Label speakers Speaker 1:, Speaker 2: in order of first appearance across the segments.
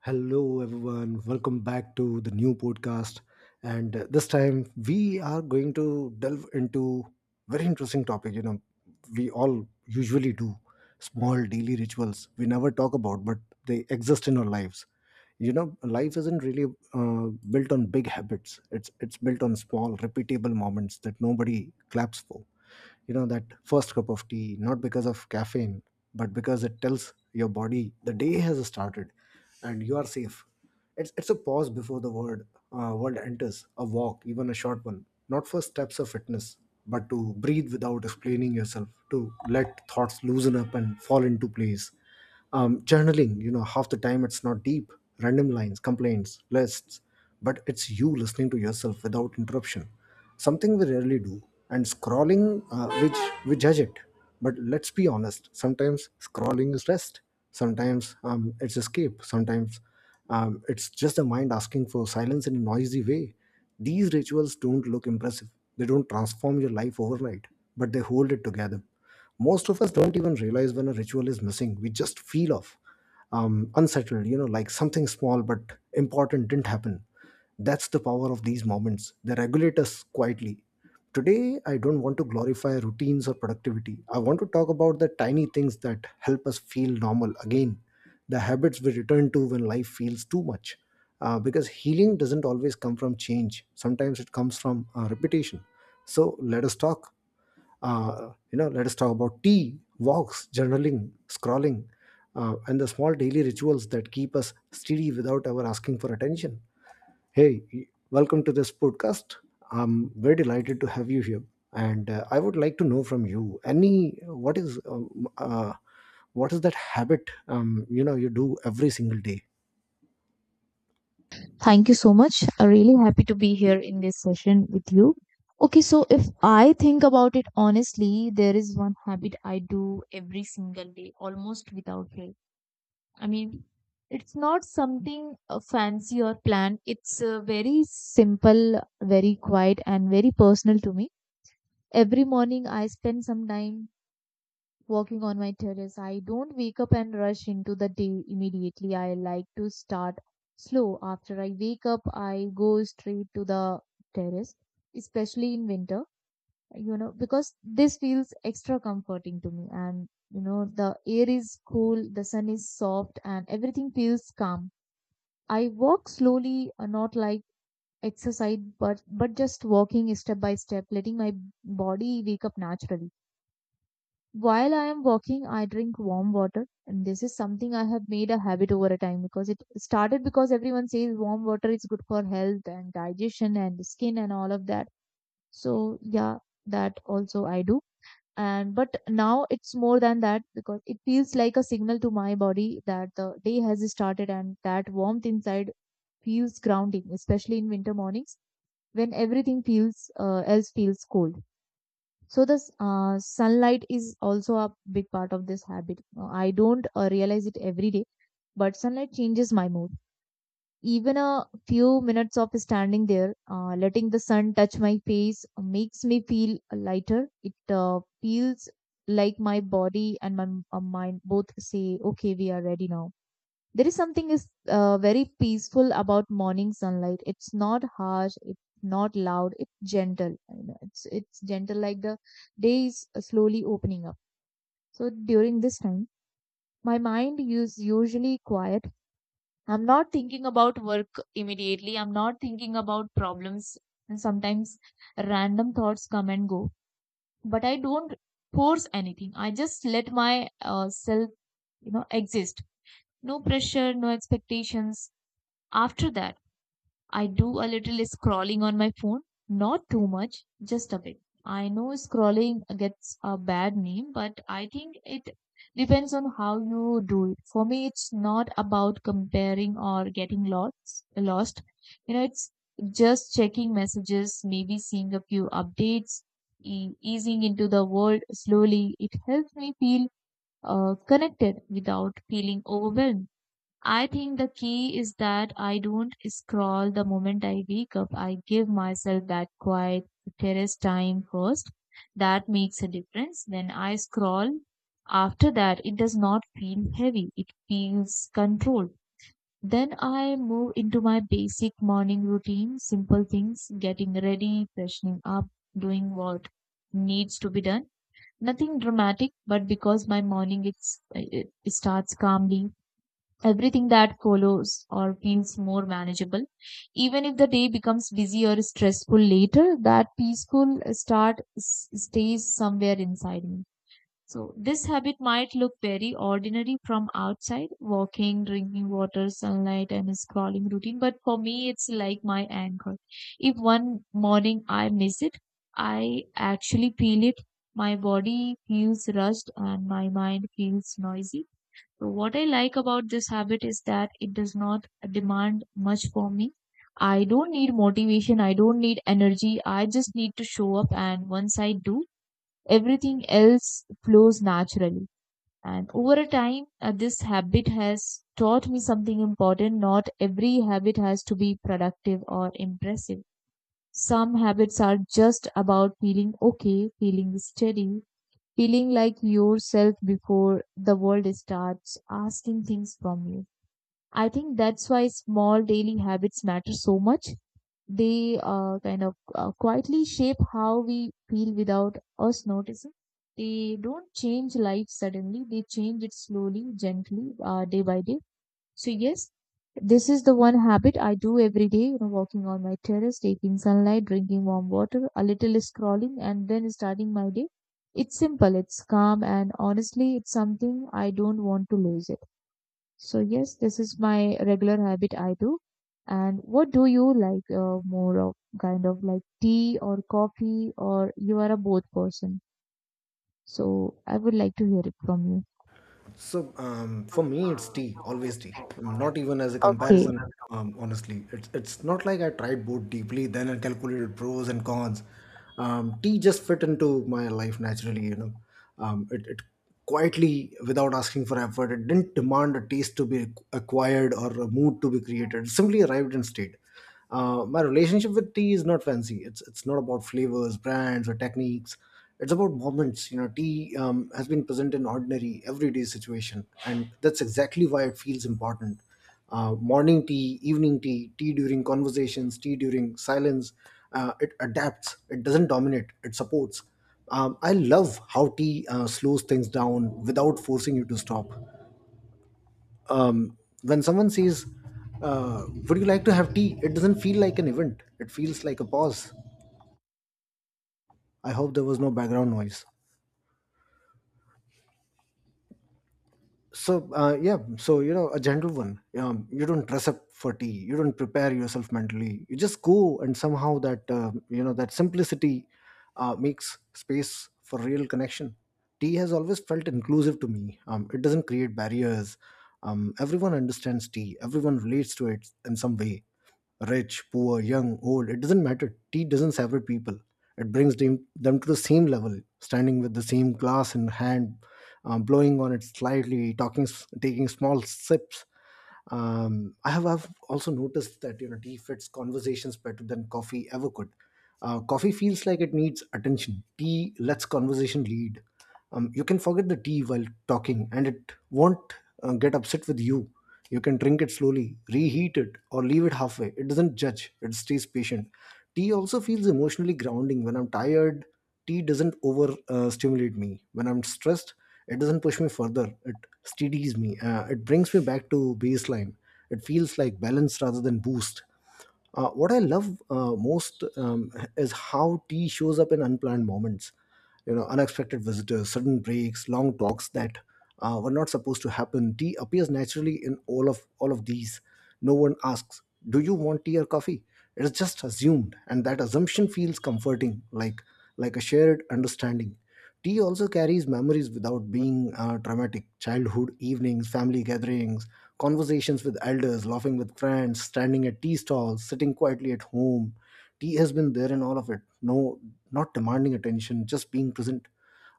Speaker 1: Hello, everyone. Welcome back to the new podcast. And This time we are going to delve into very interesting topic. You know, we all usually do small daily rituals we never talk about, but they exist in our lives. You know, life isn't really built on big habits. It's built on small, repeatable moments that nobody claps for. You know, that first cup of tea, not because of caffeine, but because it tells your body the day has started and you are safe. It's a pause before the world world enters. A walk, even a short one, not for steps of fitness, but to breathe without explaining yourself, to let thoughts loosen up and fall into place. Journaling, half the time it's not deep. Random lines, complaints, lists, but it's you listening to yourself without interruption, something we rarely do. And scrolling, which we judge it, but let's be honest, sometimes scrolling is rest, sometimes it's escape, sometimes it's just the mind asking for silence in a noisy way. These rituals don't look impressive, they don't transform your life overnight, but they hold it together. Most of us don't even realize when a ritual is missing. We just feel off, unsettled, you know, like something small but important didn't happen. That's the power of these moments. They regulate us quietly. Today, I don't want to glorify routines or productivity. I want to talk about the tiny things that help us feel normal again, the habits we return to when life feels too much. Because healing doesn't always come from change, sometimes it comes from repetition. So let us talk. You know, let us talk about tea, walks, journaling, scrolling, and the small daily rituals that keep us steady without ever asking for attention. Hey, welcome to this podcast. I'm very delighted to have you here, and I would like to know from you, any, what is that habit you know you do every single day?
Speaker 2: Thank you so much. I'm really happy to be here in this session with you. Okay, so if I think about it honestly, there is one habit I do every single day, almost without fail. I mean, it's not something fancy or planned. It's very simple, very quiet, and very personal to me. Every morning, I spend some time walking on my terrace. I don't wake up and rush into the day immediately. I like to start slow. After I wake up, I go straight to the terrace, especially in winter, you know, because this feels extra comforting to me. And, you know, the air is cool, the sun is soft, and everything feels calm. I walk slowly, not like exercise, but just walking step by step, letting my body wake up naturally. While I am walking, I drink warm water, and this is something I have made a habit over a time, because it started because everyone says warm water is good for health and digestion and skin and all of that. So, yeah, that also I do. And but now it's more than that, because it feels like a signal to my body that the day has started, and that warmth inside feels grounding, especially in winter mornings when everything feels else feels cold. So the sunlight is also a big part of this habit. I don't realize it every day, but sunlight changes my mood. Even a few minutes of standing there, letting the sun touch my face makes me feel lighter. It feels like my body and my mind both say, "Okay, we are ready now." There is something is very peaceful about morning sunlight. It's not harsh. It's not loud. It's gentle. You know, it's gentle, like the day is slowly opening up. So during this time, my mind is usually quiet. I'm not thinking about work immediately. I'm not thinking about problems. And sometimes random thoughts come and go, but I don't force anything. I just let my self, you know, exist. No pressure, no expectations. After that, I do a little scrolling on my phone, not too much, just a bit. I know scrolling gets a bad name, but I think it depends on how you do it. For me, it's not about comparing or getting lost. Lost, you know, it's just checking messages, maybe seeing a few updates, easing into the world slowly. It helps me feel connected without feeling overwhelmed. I think the key is that I don't scroll the moment I wake up. I give myself that quiet terrace time first. That makes a difference. Then I scroll. After that, it does not feel heavy. It feels controlled. Then I move into my basic morning routine, simple things, getting ready, freshening up, doing what needs to be done. Nothing dramatic, but because my morning it starts calmly, everything that follows or feels more manageable. Even if the day becomes busy or stressful later, that peaceful start stays somewhere inside me. So, this habit might look very ordinary from outside: walking, drinking water, sunlight, and a scrolling routine, but for me, it's like my anchor. If one morning I miss it, I actually feel it. My body feels rushed and my mind feels noisy. So what I like about this habit is that it does not demand much for me. I don't need motivation, I don't need energy, I just need to show up. And once I do, everything else flows naturally. And over a time, this habit has taught me something important. Not every habit has to be productive or impressive. Some habits are just about feeling okay, feeling steady, feeling like yourself before the world starts asking things from you. I think that's why small daily habits matter so much. They kind of quietly shape how we feel without us noticing. They don't change life suddenly, they change it slowly, gently, day by day. So yes, this is the one habit I do every day, you know, walking on my terrace, taking sunlight, drinking warm water, a little scrolling, and then starting my day. It's simple, it's calm, and honestly, it's something I don't want to lose it. So yes, this is my regular habit I do. And what do you like more of, kind of like tea or coffee, or you are a both person? So I would like to hear it from you.
Speaker 1: So for me, it's tea, always tea. Not even as a comparison, honestly. It's not like I tried both deeply, then I calculated pros and cons. Tea just fit into my life naturally, you know. It quietly, without asking for effort, it didn't demand a taste to be acquired or a mood to be created. It simply arrived and stayed. My relationship with tea is not fancy. It's not about flavors, brands, or techniques. It's about moments. You know, tea has been present in ordinary, everyday situation, and that's exactly why it feels important. Morning tea, evening tea, tea during conversations, tea during silence. It adapts. It doesn't dominate. It supports. I love how tea slows things down without forcing you to stop. um, when someone says, would you like to have tea, it doesn't feel like an event, it feels like a pause. I hope there was no background noise. So yeah, so you know, a gentle one. You don't dress up for tea, you don't prepare yourself mentally, you just go, and somehow that, you know, that simplicity makes space for real connection. Tea has always felt inclusive to me. It doesn't create barriers. Everyone understands tea, everyone relates to it in some way. Rich, poor, young, old, it doesn't matter. Tea doesn't sever people. It brings them to the same level, standing with the same glass in hand, blowing on it slightly, talking, taking small sips. I've also noticed that, you know, tea fits conversations better than coffee ever could. Coffee feels like it needs attention. Tea lets conversation lead. You can forget the tea while talking, and it won't get upset with you. You can drink it slowly, reheat it, or leave it halfway. It doesn't judge, it stays patient. Tea also feels emotionally grounding. When I'm tired, tea doesn't over stimulate me. When I'm stressed, it doesn't push me further. It steadies me. It brings me back to baseline. It feels like balance rather than boost. What I love most is how tea shows up in unplanned moments. You know, unexpected visitors, sudden breaks, long talks that were not supposed to happen. Tea appears naturally in all of these. No one asks, "Do you want tea or coffee?" It is just assumed, and that assumption feels comforting, like a shared understanding. Tea also carries memories without being traumatic. Childhood evenings, family gatherings, conversations with elders, laughing with friends, standing at tea stalls, sitting quietly at home. Tea has been there in all of it. No, not demanding attention, just being present.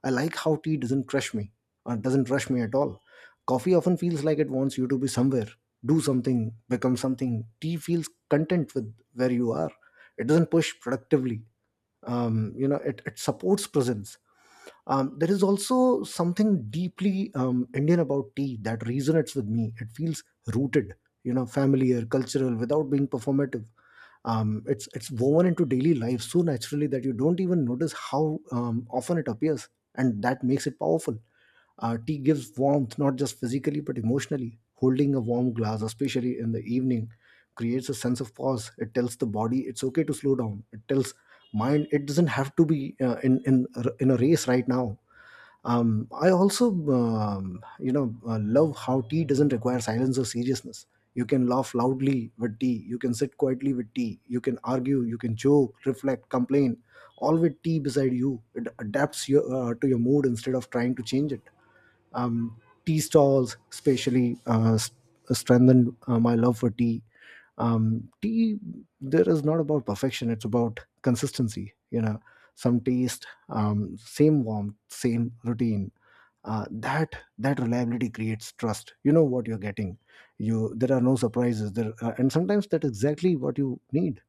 Speaker 1: I like how tea doesn't crush me, or doesn't rush me at all. Coffee often feels like it wants you to be somewhere, do something, become something. Tea feels content with where you are. It doesn't push productively. You know, it supports presence. There is also something deeply Indian about tea that resonates with me. It feels rooted, you know, familiar, cultural, without being performative. It's woven into daily life so naturally that you don't even notice how often it appears, and that makes it powerful. Tea gives warmth, not just physically but emotionally. Holding a warm glass, especially in the evening, creates a sense of pause. It tells the body it's okay to slow down. It tells mind it doesn't have to be in a race right now. I also, love how tea doesn't require silence or seriousness. You can laugh loudly with tea. You can sit quietly with tea. You can argue. You can joke, reflect, complain. All with tea beside you. It adapts your, to your mood instead of trying to change it. Tea stalls, especially, strengthened my love for tea. Tea, there is not about perfection. It's about consistency. You know, some taste, same warmth, same routine. That reliability creates trust, you know what you're getting, you there are no surprises there. And sometimes that's exactly what you need.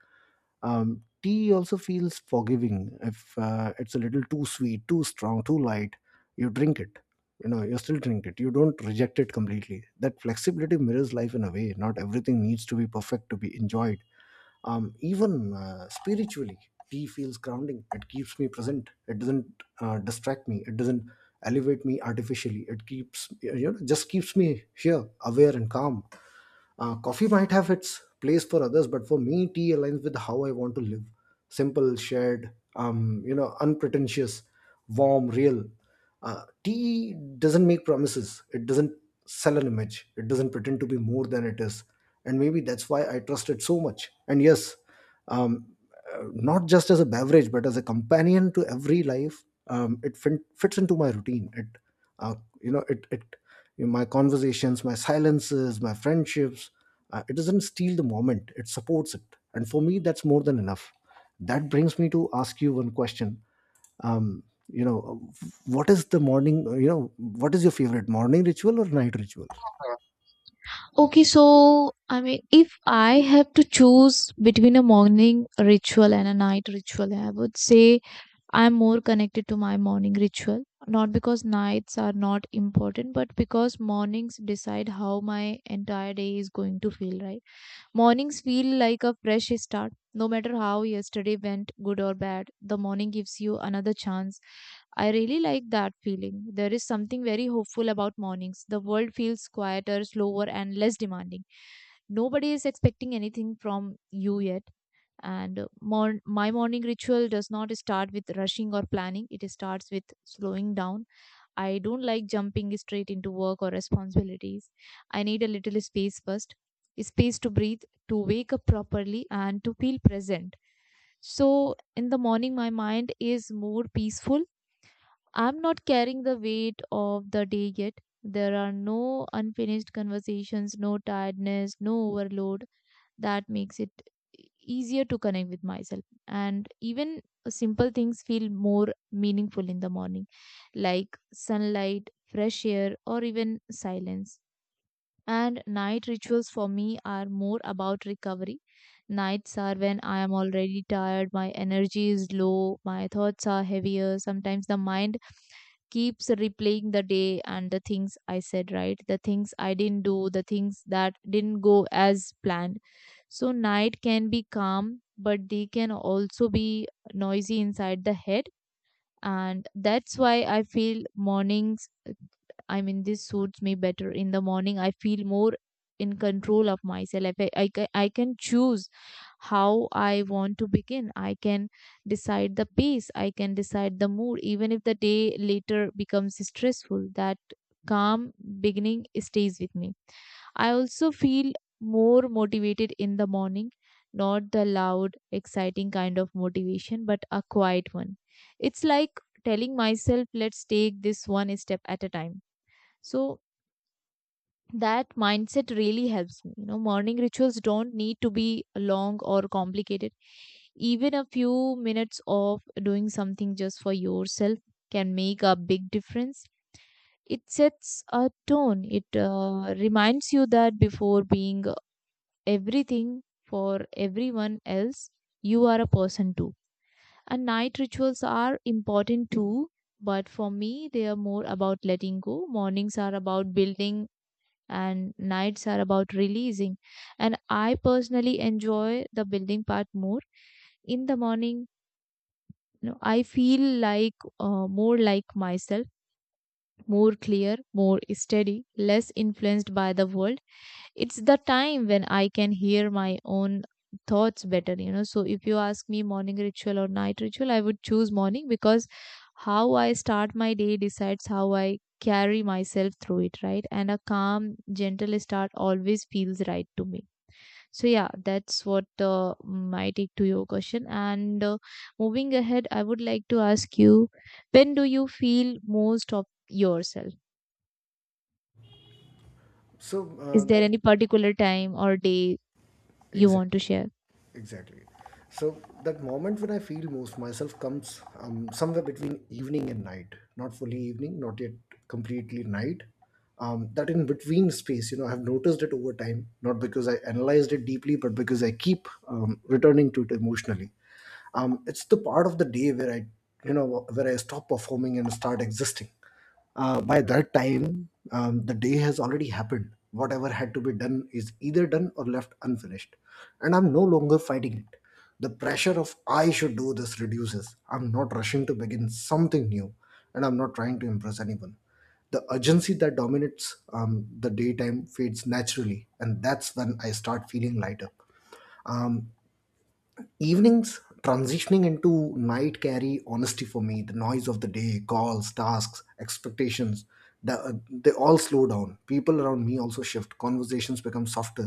Speaker 1: Tea also feels forgiving. If it's a little too sweet, too strong, too light, you drink it, you still drink it, you don't reject it completely. That flexibility mirrors life in a way. Not everything needs to be perfect to be enjoyed. Even spiritually, tea feels grounding. It keeps me present. It doesn't distract me. It doesn't elevate me artificially. It keeps, just keeps me here, aware and calm. Coffee might have its place for others, but for me, tea aligns with how I want to live. Simple, shared, unpretentious, warm, real. Tea doesn't make promises. It doesn't sell an image. It doesn't pretend to be more than it is. And maybe that's why I trust it so much. And yes, um, not just as a beverage, but as a companion to every life, it fits into my routine. It uh, you know it it you know, My conversations, my silences, my friendships, it doesn't steal the moment, it supports it, and for me, that's more than enough. That brings me to ask you one question. um, you know what is the morning, what is your favorite morning ritual or night ritual?
Speaker 2: Okay, so I mean, if I have to choose between a morning ritual and a night ritual, I would say I'm more connected to my morning ritual. Not because nights are not important, but because mornings decide how my entire day is going to feel, right? Mornings feel like a fresh start. No matter how yesterday went, good or bad, the morning gives you another chance. I really like that feeling. There is something very hopeful about mornings. The world feels quieter, slower, and less demanding. Nobody is expecting anything from you yet. And my morning ritual does not start with rushing or planning, it starts with slowing down. I don't like jumping straight into work or responsibilities. I need a little space first, space to breathe, to wake up properly, and to feel present. So, in the morning, my mind is more peaceful. I'm not carrying the weight of the day yet. There are no unfinished conversations, no tiredness, no overload. That makes it easier to connect with myself. And even simple things feel more meaningful in the morning, like sunlight, fresh air, or even silence. And night rituals for me are more about recovery. Nights are when I am already tired, my energy is low, my thoughts are heavier. Sometimes the mind keeps replaying the day and the things I said, right? The things I didn't do, the things that didn't go as planned. So, night can be calm, but they can also be noisy inside the head. And that's why I feel mornings, I mean, this suits me better. In the morning, I feel more in control of myself. I can choose how I want to begin. I can decide the pace. I can decide the mood. Even if the day later becomes stressful, that calm beginning stays with me. I also feel more motivated in the morning, not the loud, exciting kind of motivation, but a quiet one. It's like telling myself, let's take this one step at a time. So that mindset really helps me. You know, morning rituals don't need to be long or complicated. Even a few minutes of doing something just for yourself can make a big difference. It sets a tone. It reminds you that before being everything for everyone else, you are a person too. And night rituals are important too, but for me, they are more about letting go. Mornings are about building and nights are about releasing. And I personally enjoy the building part more. In the morning, you know, I feel like more like myself, more clear, more steady, less influenced by the world. It's the time when I can hear my own thoughts better, you know. So if you ask me morning ritual or night ritual, I would choose morning, because how I start my day decides how I carry myself through it, right? And a calm, gentle start always feels right to me. So yeah, that's what my take to your question. And moving ahead, I would like to ask you, when do you feel most of yourself?
Speaker 1: So
Speaker 2: Is there
Speaker 1: that's
Speaker 2: any particular time or day you
Speaker 1: exactly
Speaker 2: want to share?
Speaker 1: Exactly. So that moment when I feel most myself comes somewhere between evening and night. Not fully evening, not yet completely night. That in between space, you know, I've noticed it over time. Not because I analyzed it deeply, but because I keep returning to it emotionally. It's the part of the day where I you know where I stop performing and start existing. By that time, the day has already happened. Whatever had to be done is either done or left unfinished, and I'm no longer fighting it. The pressure of I should do this reduces. I'm not rushing to begin something new, and I'm not trying to impress anyone. The urgency that dominates the daytime fades naturally, and that's when I start feeling lighter. um, Evenings transitioning into night carry honesty for me. The noise of the day, calls, tasks, expectations, they all slow down. People around me also shift. Conversations become softer.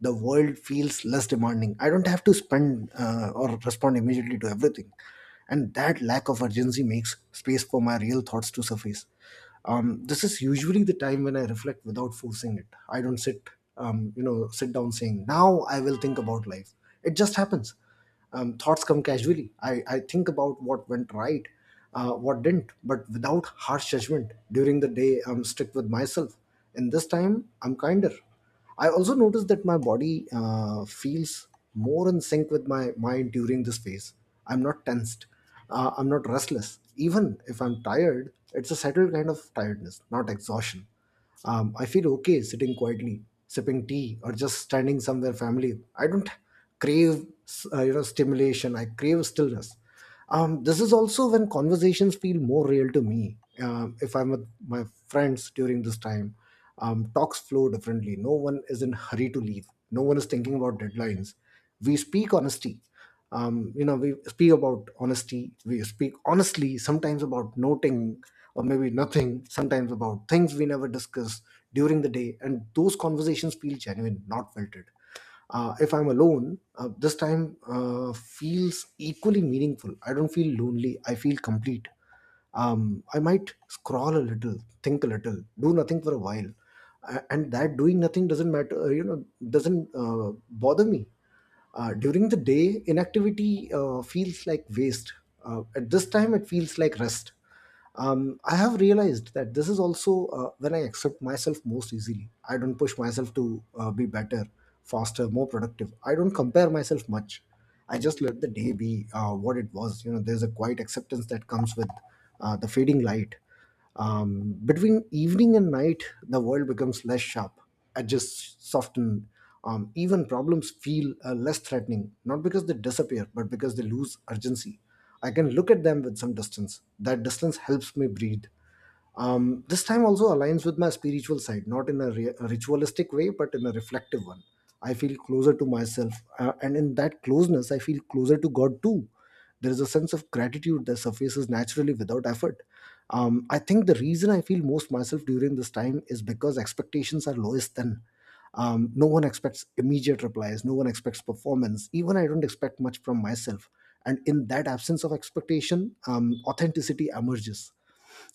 Speaker 1: The world feels less demanding. I don't have to spend or respond immediately to everything, and that lack of urgency makes space for my real thoughts to surface. This is usually the time when I reflect without forcing it. I don't sit, sit down saying now I will think about life. It just happens. Thoughts come casually. I think about what went right, what didn't, but without harsh judgment. During the day, I'm strict with myself. And this time, I'm kinder. I also noticed that my body feels more in sync with my mind during this phase. I'm not tensed. I'm not restless. Even if I'm tired, it's a settled kind of tiredness, not exhaustion. I feel okay sitting quietly, sipping tea, or just standing somewhere family. I don't crave stimulation. I crave stillness. This is also when conversations feel more real to me. If I'm with my friends during this time, talks flow differently. No one is in hurry to leave. No one is thinking about deadlines. We speak honesty, we speak about honesty, we speak honestly, sometimes about noting, or maybe nothing, sometimes about things we never discuss during the day. And those conversations feel genuine, not filtered. If I'm alone, this time feels equally meaningful. I don't feel lonely, I feel complete. um, I might scroll a little, think a little, do nothing for a while. And that doing nothing doesn't matter, doesn't bother me. During the day, inactivity feels like waste. At this time, it feels like rest. I have realized that this is also when I accept myself most easily. I don't push myself to be better, faster, more productive. I don't compare myself much. I just let the day be what it was. You know, there's a quiet acceptance that comes with the fading light. Between evening and night, the world becomes less sharp, edges soften, even problems feel less threatening, not because they disappear, but because they lose urgency. I can look at them with some distance. That distance helps me breathe. This time also aligns with my spiritual side, not in a ritualistic way, but in a reflective one. I feel closer to myself, and in that closeness, I feel closer to God too. There is a sense of gratitude that surfaces naturally without effort. I think the reason I feel most myself during this time is because expectations are lowest then. No one expects immediate replies, no one expects performance. Even I don't expect much from myself. And in that absence of expectation, authenticity emerges.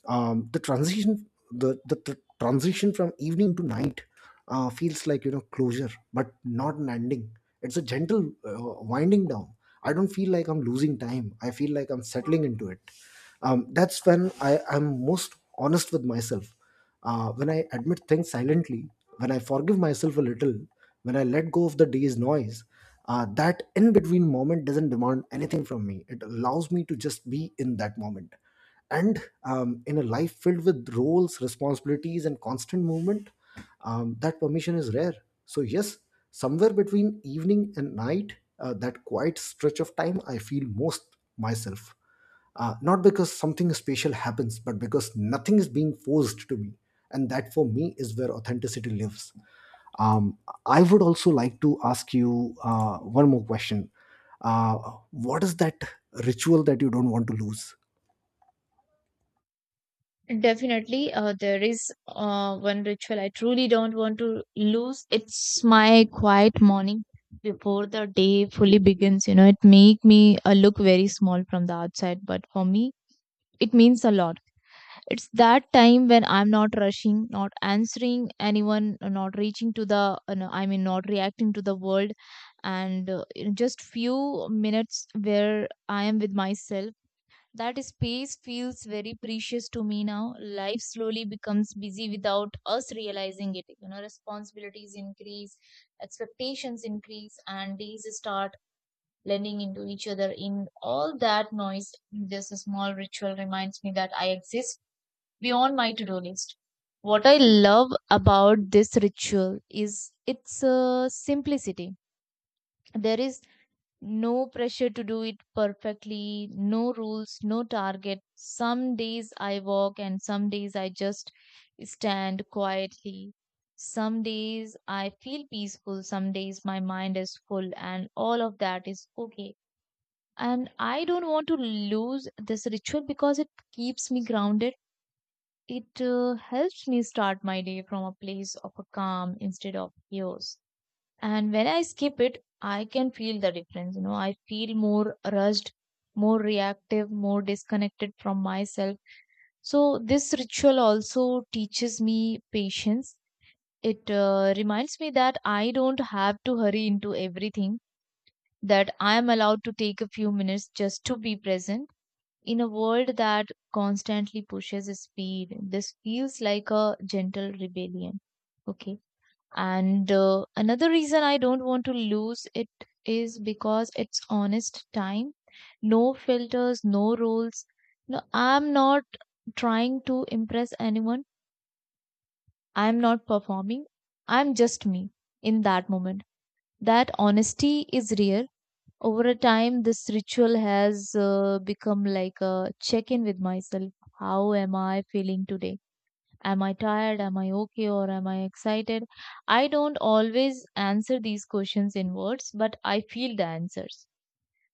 Speaker 1: The transition, the transition from evening to night feels like, you know, closure, but not an ending. It's a gentle winding down. I don't feel like I'm losing time, I feel like I'm settling into it. That's when I am most honest with myself, when I admit things silently, when I forgive myself a little, when I let go of the day's noise. That in between moment doesn't demand anything from me. It allows me to just be in that moment. And in a life filled with roles, responsibilities, and constant movement, that permission is rare. So yes, somewhere between evening and night, that quiet stretch of time, I feel most myself, not because something special happens, but because nothing is being forced to me. And that, for me, is where authenticity lives. um, I would also like to ask you one more question. uh, what is that ritual that you don't want to lose?
Speaker 2: Definitely, there is one ritual I truly don't want to lose. It's my quiet morning before the day fully begins. You know, it make me look very small from the outside, but for me, it means a lot. It's that time when I'm not rushing, not answering anyone, not reaching to the, you know, I mean, not reacting to the world, and you know, just few minutes where I am with myself. That space feels very precious to me now. Life slowly becomes busy without us realizing it. You know, responsibilities increase, expectations increase, and days start blending into each other. In all that noise, this small ritual reminds me that I exist beyond my to do list. What I love about this ritual is its simplicity. There is no pressure to do it perfectly, no rules, no target. Some days I walk and some days I just stand quietly. Some days I feel peaceful, some days my mind is full, and all of that is okay. And I don't want to lose this ritual because it keeps me grounded. It helps me start my day from a place of a calm instead of chaos. And when I skip it, I can feel the difference. I feel more rushed, more reactive, more disconnected from myself. So, this ritual also teaches me patience. It reminds me that I don't have to hurry into everything, that I am allowed to take a few minutes just to be present. In a world that constantly pushes speed, this feels like a gentle rebellion. Okay. And another reason I don't want to lose it is because it's honest time. No filters, no rules. No, I'm not trying to impress anyone. I'm not performing. I'm just me in that moment. That honesty is rare. Over a time, this ritual has become like a check in with myself. How am I feeling today? Am I tired? Am I okay? Or am I excited? I don't always answer these questions in words, but I feel the answers.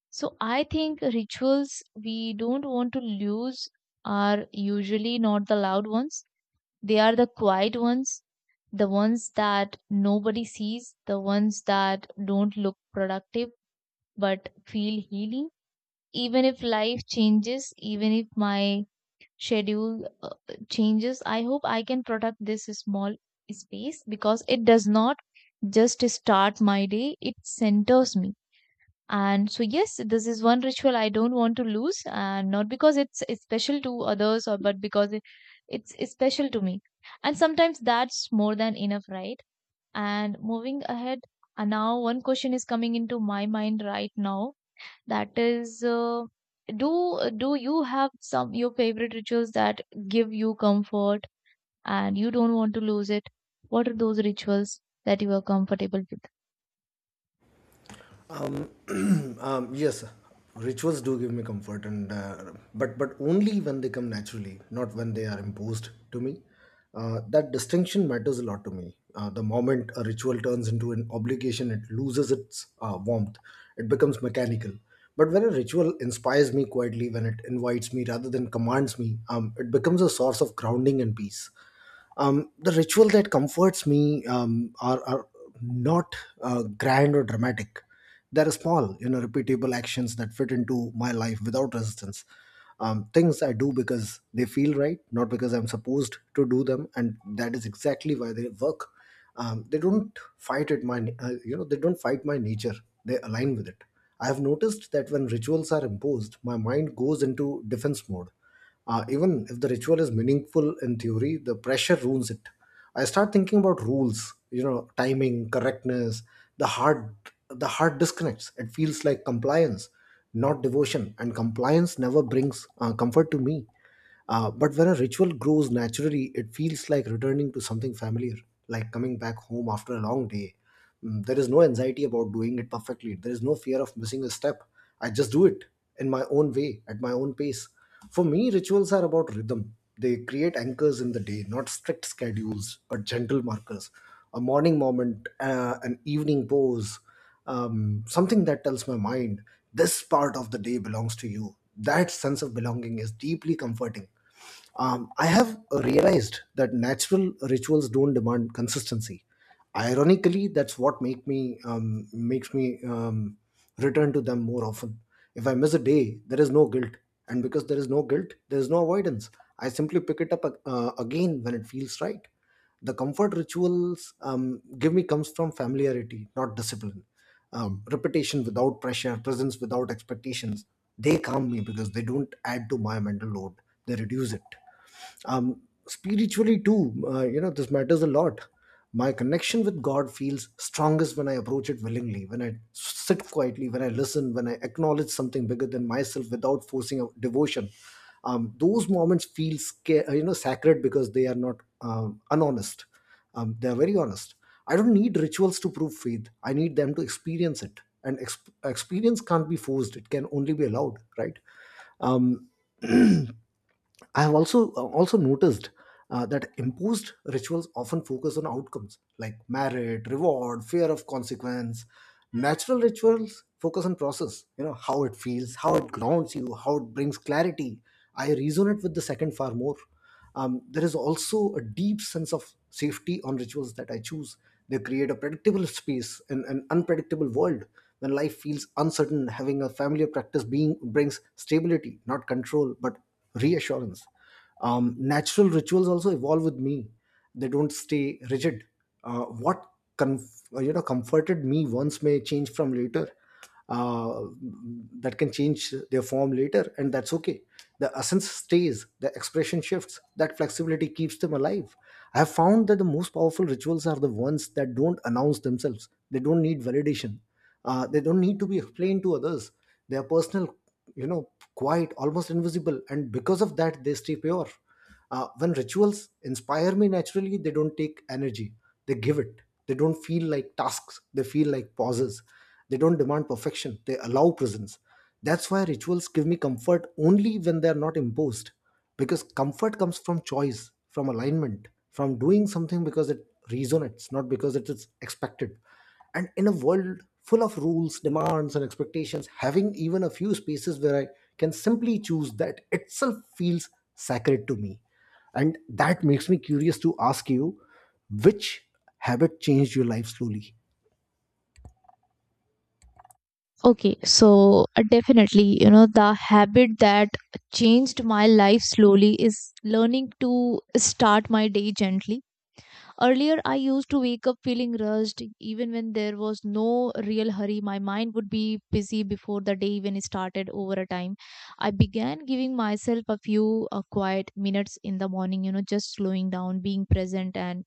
Speaker 2: So I think rituals we don't want to lose are usually not the loud ones. They are the quiet ones, the ones that nobody sees, the ones that don't look productive but feel healing. Even if life changes, even if my schedule changes, I hope I can protect this small space, because it does not just start my day, it centers me. And so yes, this is one ritual I don't want to lose, and not because it's special to others, or but because it's special to me. And sometimes that's more than enough, right? And moving ahead, and now one question is coming into my mind right now, that is do do you have some your favorite rituals that give you comfort and you don't want to lose it? What are those rituals that you are comfortable with?
Speaker 1: um, yes, rituals do give me comfort, and but only when they come naturally, not when they are imposed to me. That distinction matters a lot to me. The moment a ritual turns into an obligation, it loses its warmth. It becomes mechanical. But when a ritual inspires me quietly, when it invites me rather than commands me, it becomes a source of grounding and peace. The ritual that comforts me are not grand or dramatic. They're small, you know, repeatable actions that fit into my life without resistance. Things I do because they feel right, not because I'm supposed to do them, and that is exactly why they work. They don't fight at my, they don't fight my nature, they align with it. I have noticed that when rituals are imposed, my mind goes into defense mode. Even if the ritual is meaningful in theory, the pressure ruins it. I start thinking about rules, you know, timing, correctness. The heart, the heart disconnects. It feels like compliance, not devotion, and compliance never brings comfort to me. But when a ritual grows naturally, it feels like returning to something familiar, like coming back home after a long day. Mm, there is no anxiety about doing it perfectly. There is no fear of missing a step. I just do it in my own way, at my own pace. For me, rituals are about rhythm. They create anchors in the day, not strict schedules, but gentle markers. A morning moment, an evening pose, something that tells my mind this part of the day belongs to you. That sense of belonging is deeply comforting. I have realized that natural rituals don't demand consistency. Ironically, that's what makes me return to them more often. If I miss a day, there is no guilt, and because there is no guilt, there is no avoidance. I simply pick it up again when it feels right. The comfort rituals give me comes from familiarity, not discipline. Repetition without pressure, presence without expectations. They calm me because they don't add to my mental load; they reduce it. um Spiritually too, this matters a lot. My connection with god feels strongest when I approach it willingly, when I sit quietly, when I listen, when I acknowledge something bigger than myself without forcing a devotion. Those moments feel sacred because they are not unhonest. They are very honest. I don't need rituals to prove faith. I need them to experience it, and experience can't be forced. It can only be allowed, right? um, I have also noticed that imposed rituals often focus on outcomes, like merit, reward, fear of consequence. Natural rituals focus on process. You know, how it feels, how it grounds you, how it brings clarity. I resonate with the second far more. There is also a deep sense of safety on rituals that I choose. They create a predictable space in an unpredictable world. When life feels uncertain, having a familiar practice being brings stability, not control, but reassurance. Natural rituals also evolve with me. They don't stay rigid. What comforted me once may change from later. uh, that can change their form later, and that's okay. The essence stays, the expression shifts. That flexibility keeps them alive. I have found that the most powerful rituals are the ones that don't announce themselves. They don't need validation. They don't need to be explained to others. They are personal, you know, quiet, almost invisible, and because of that they stay pure. When rituals inspire me naturally, they don't take energy, they give it. They don't feel like tasks, they feel like pauses. They don't demand perfection, they allow presence. That's why rituals give me comfort only when they're not imposed. Because comfort comes from choice, from alignment, from doing something because it resonates, not because it is expected. And in a world full of rules, demands, and expectations, having even a few spaces where I can simply choose, that itself feels sacred to me. And that makes me curious to ask you, which habit changed your life slowly?
Speaker 2: Okay, so definitely, the habit that changed my life slowly is learning to start my day gently. Earlier, I used to wake up feeling rushed, even when there was no real hurry. My mind would be busy before the day even started. Over a time, I began giving myself a few quiet minutes in the morning, just slowing down, being present, and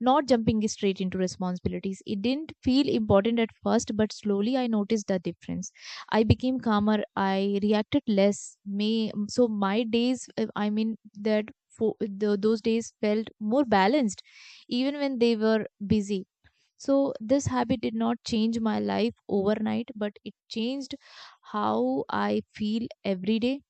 Speaker 2: not jumping straight into responsibilities. It didn't feel important at first, but slowly I noticed the difference. I became calmer. I reacted less. May so my days, I mean that for, the, those days felt more balanced, even when they were busy. So this habit did not change my life overnight, but it changed how I feel every day,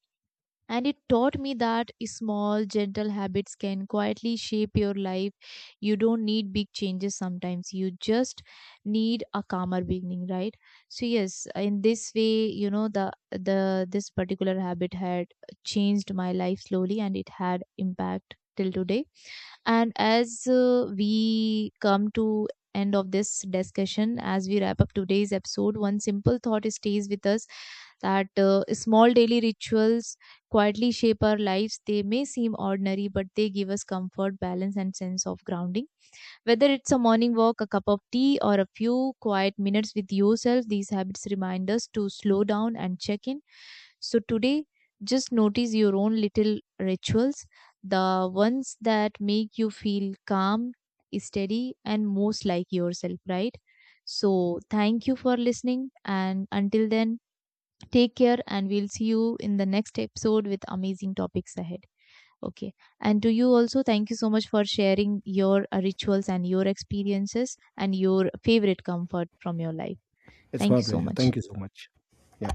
Speaker 2: and it taught me that small gentle habits can quietly shape your life. You don't need big changes, sometimes you just need a calmer beginning, right? So yes, in this way, the this particular habit had changed my life slowly, and it had impact till today. And as we come to end of this discussion, as we wrap up today's episode, one simple thought stays with us, that small daily rituals quietly shape our lives. They may seem ordinary, but they give us comfort, balance, and sense of grounding. Whether it's a morning walk, a cup of tea, or a few quiet minutes with yourself, these habits remind us to slow down and check in. So today, just notice your own little rituals, the ones that make you feel calm, steady, and most like yourself, right? So thank you for listening. And until then, take care, and we'll see you in the next episode with amazing topics ahead. Okay. And to you also, thank you so much for sharing your rituals and your experiences and your favorite comfort from your life.
Speaker 1: It's
Speaker 2: Thank
Speaker 1: my
Speaker 2: you so
Speaker 1: pleasure.
Speaker 2: much.
Speaker 1: Thank you so much. Yeah.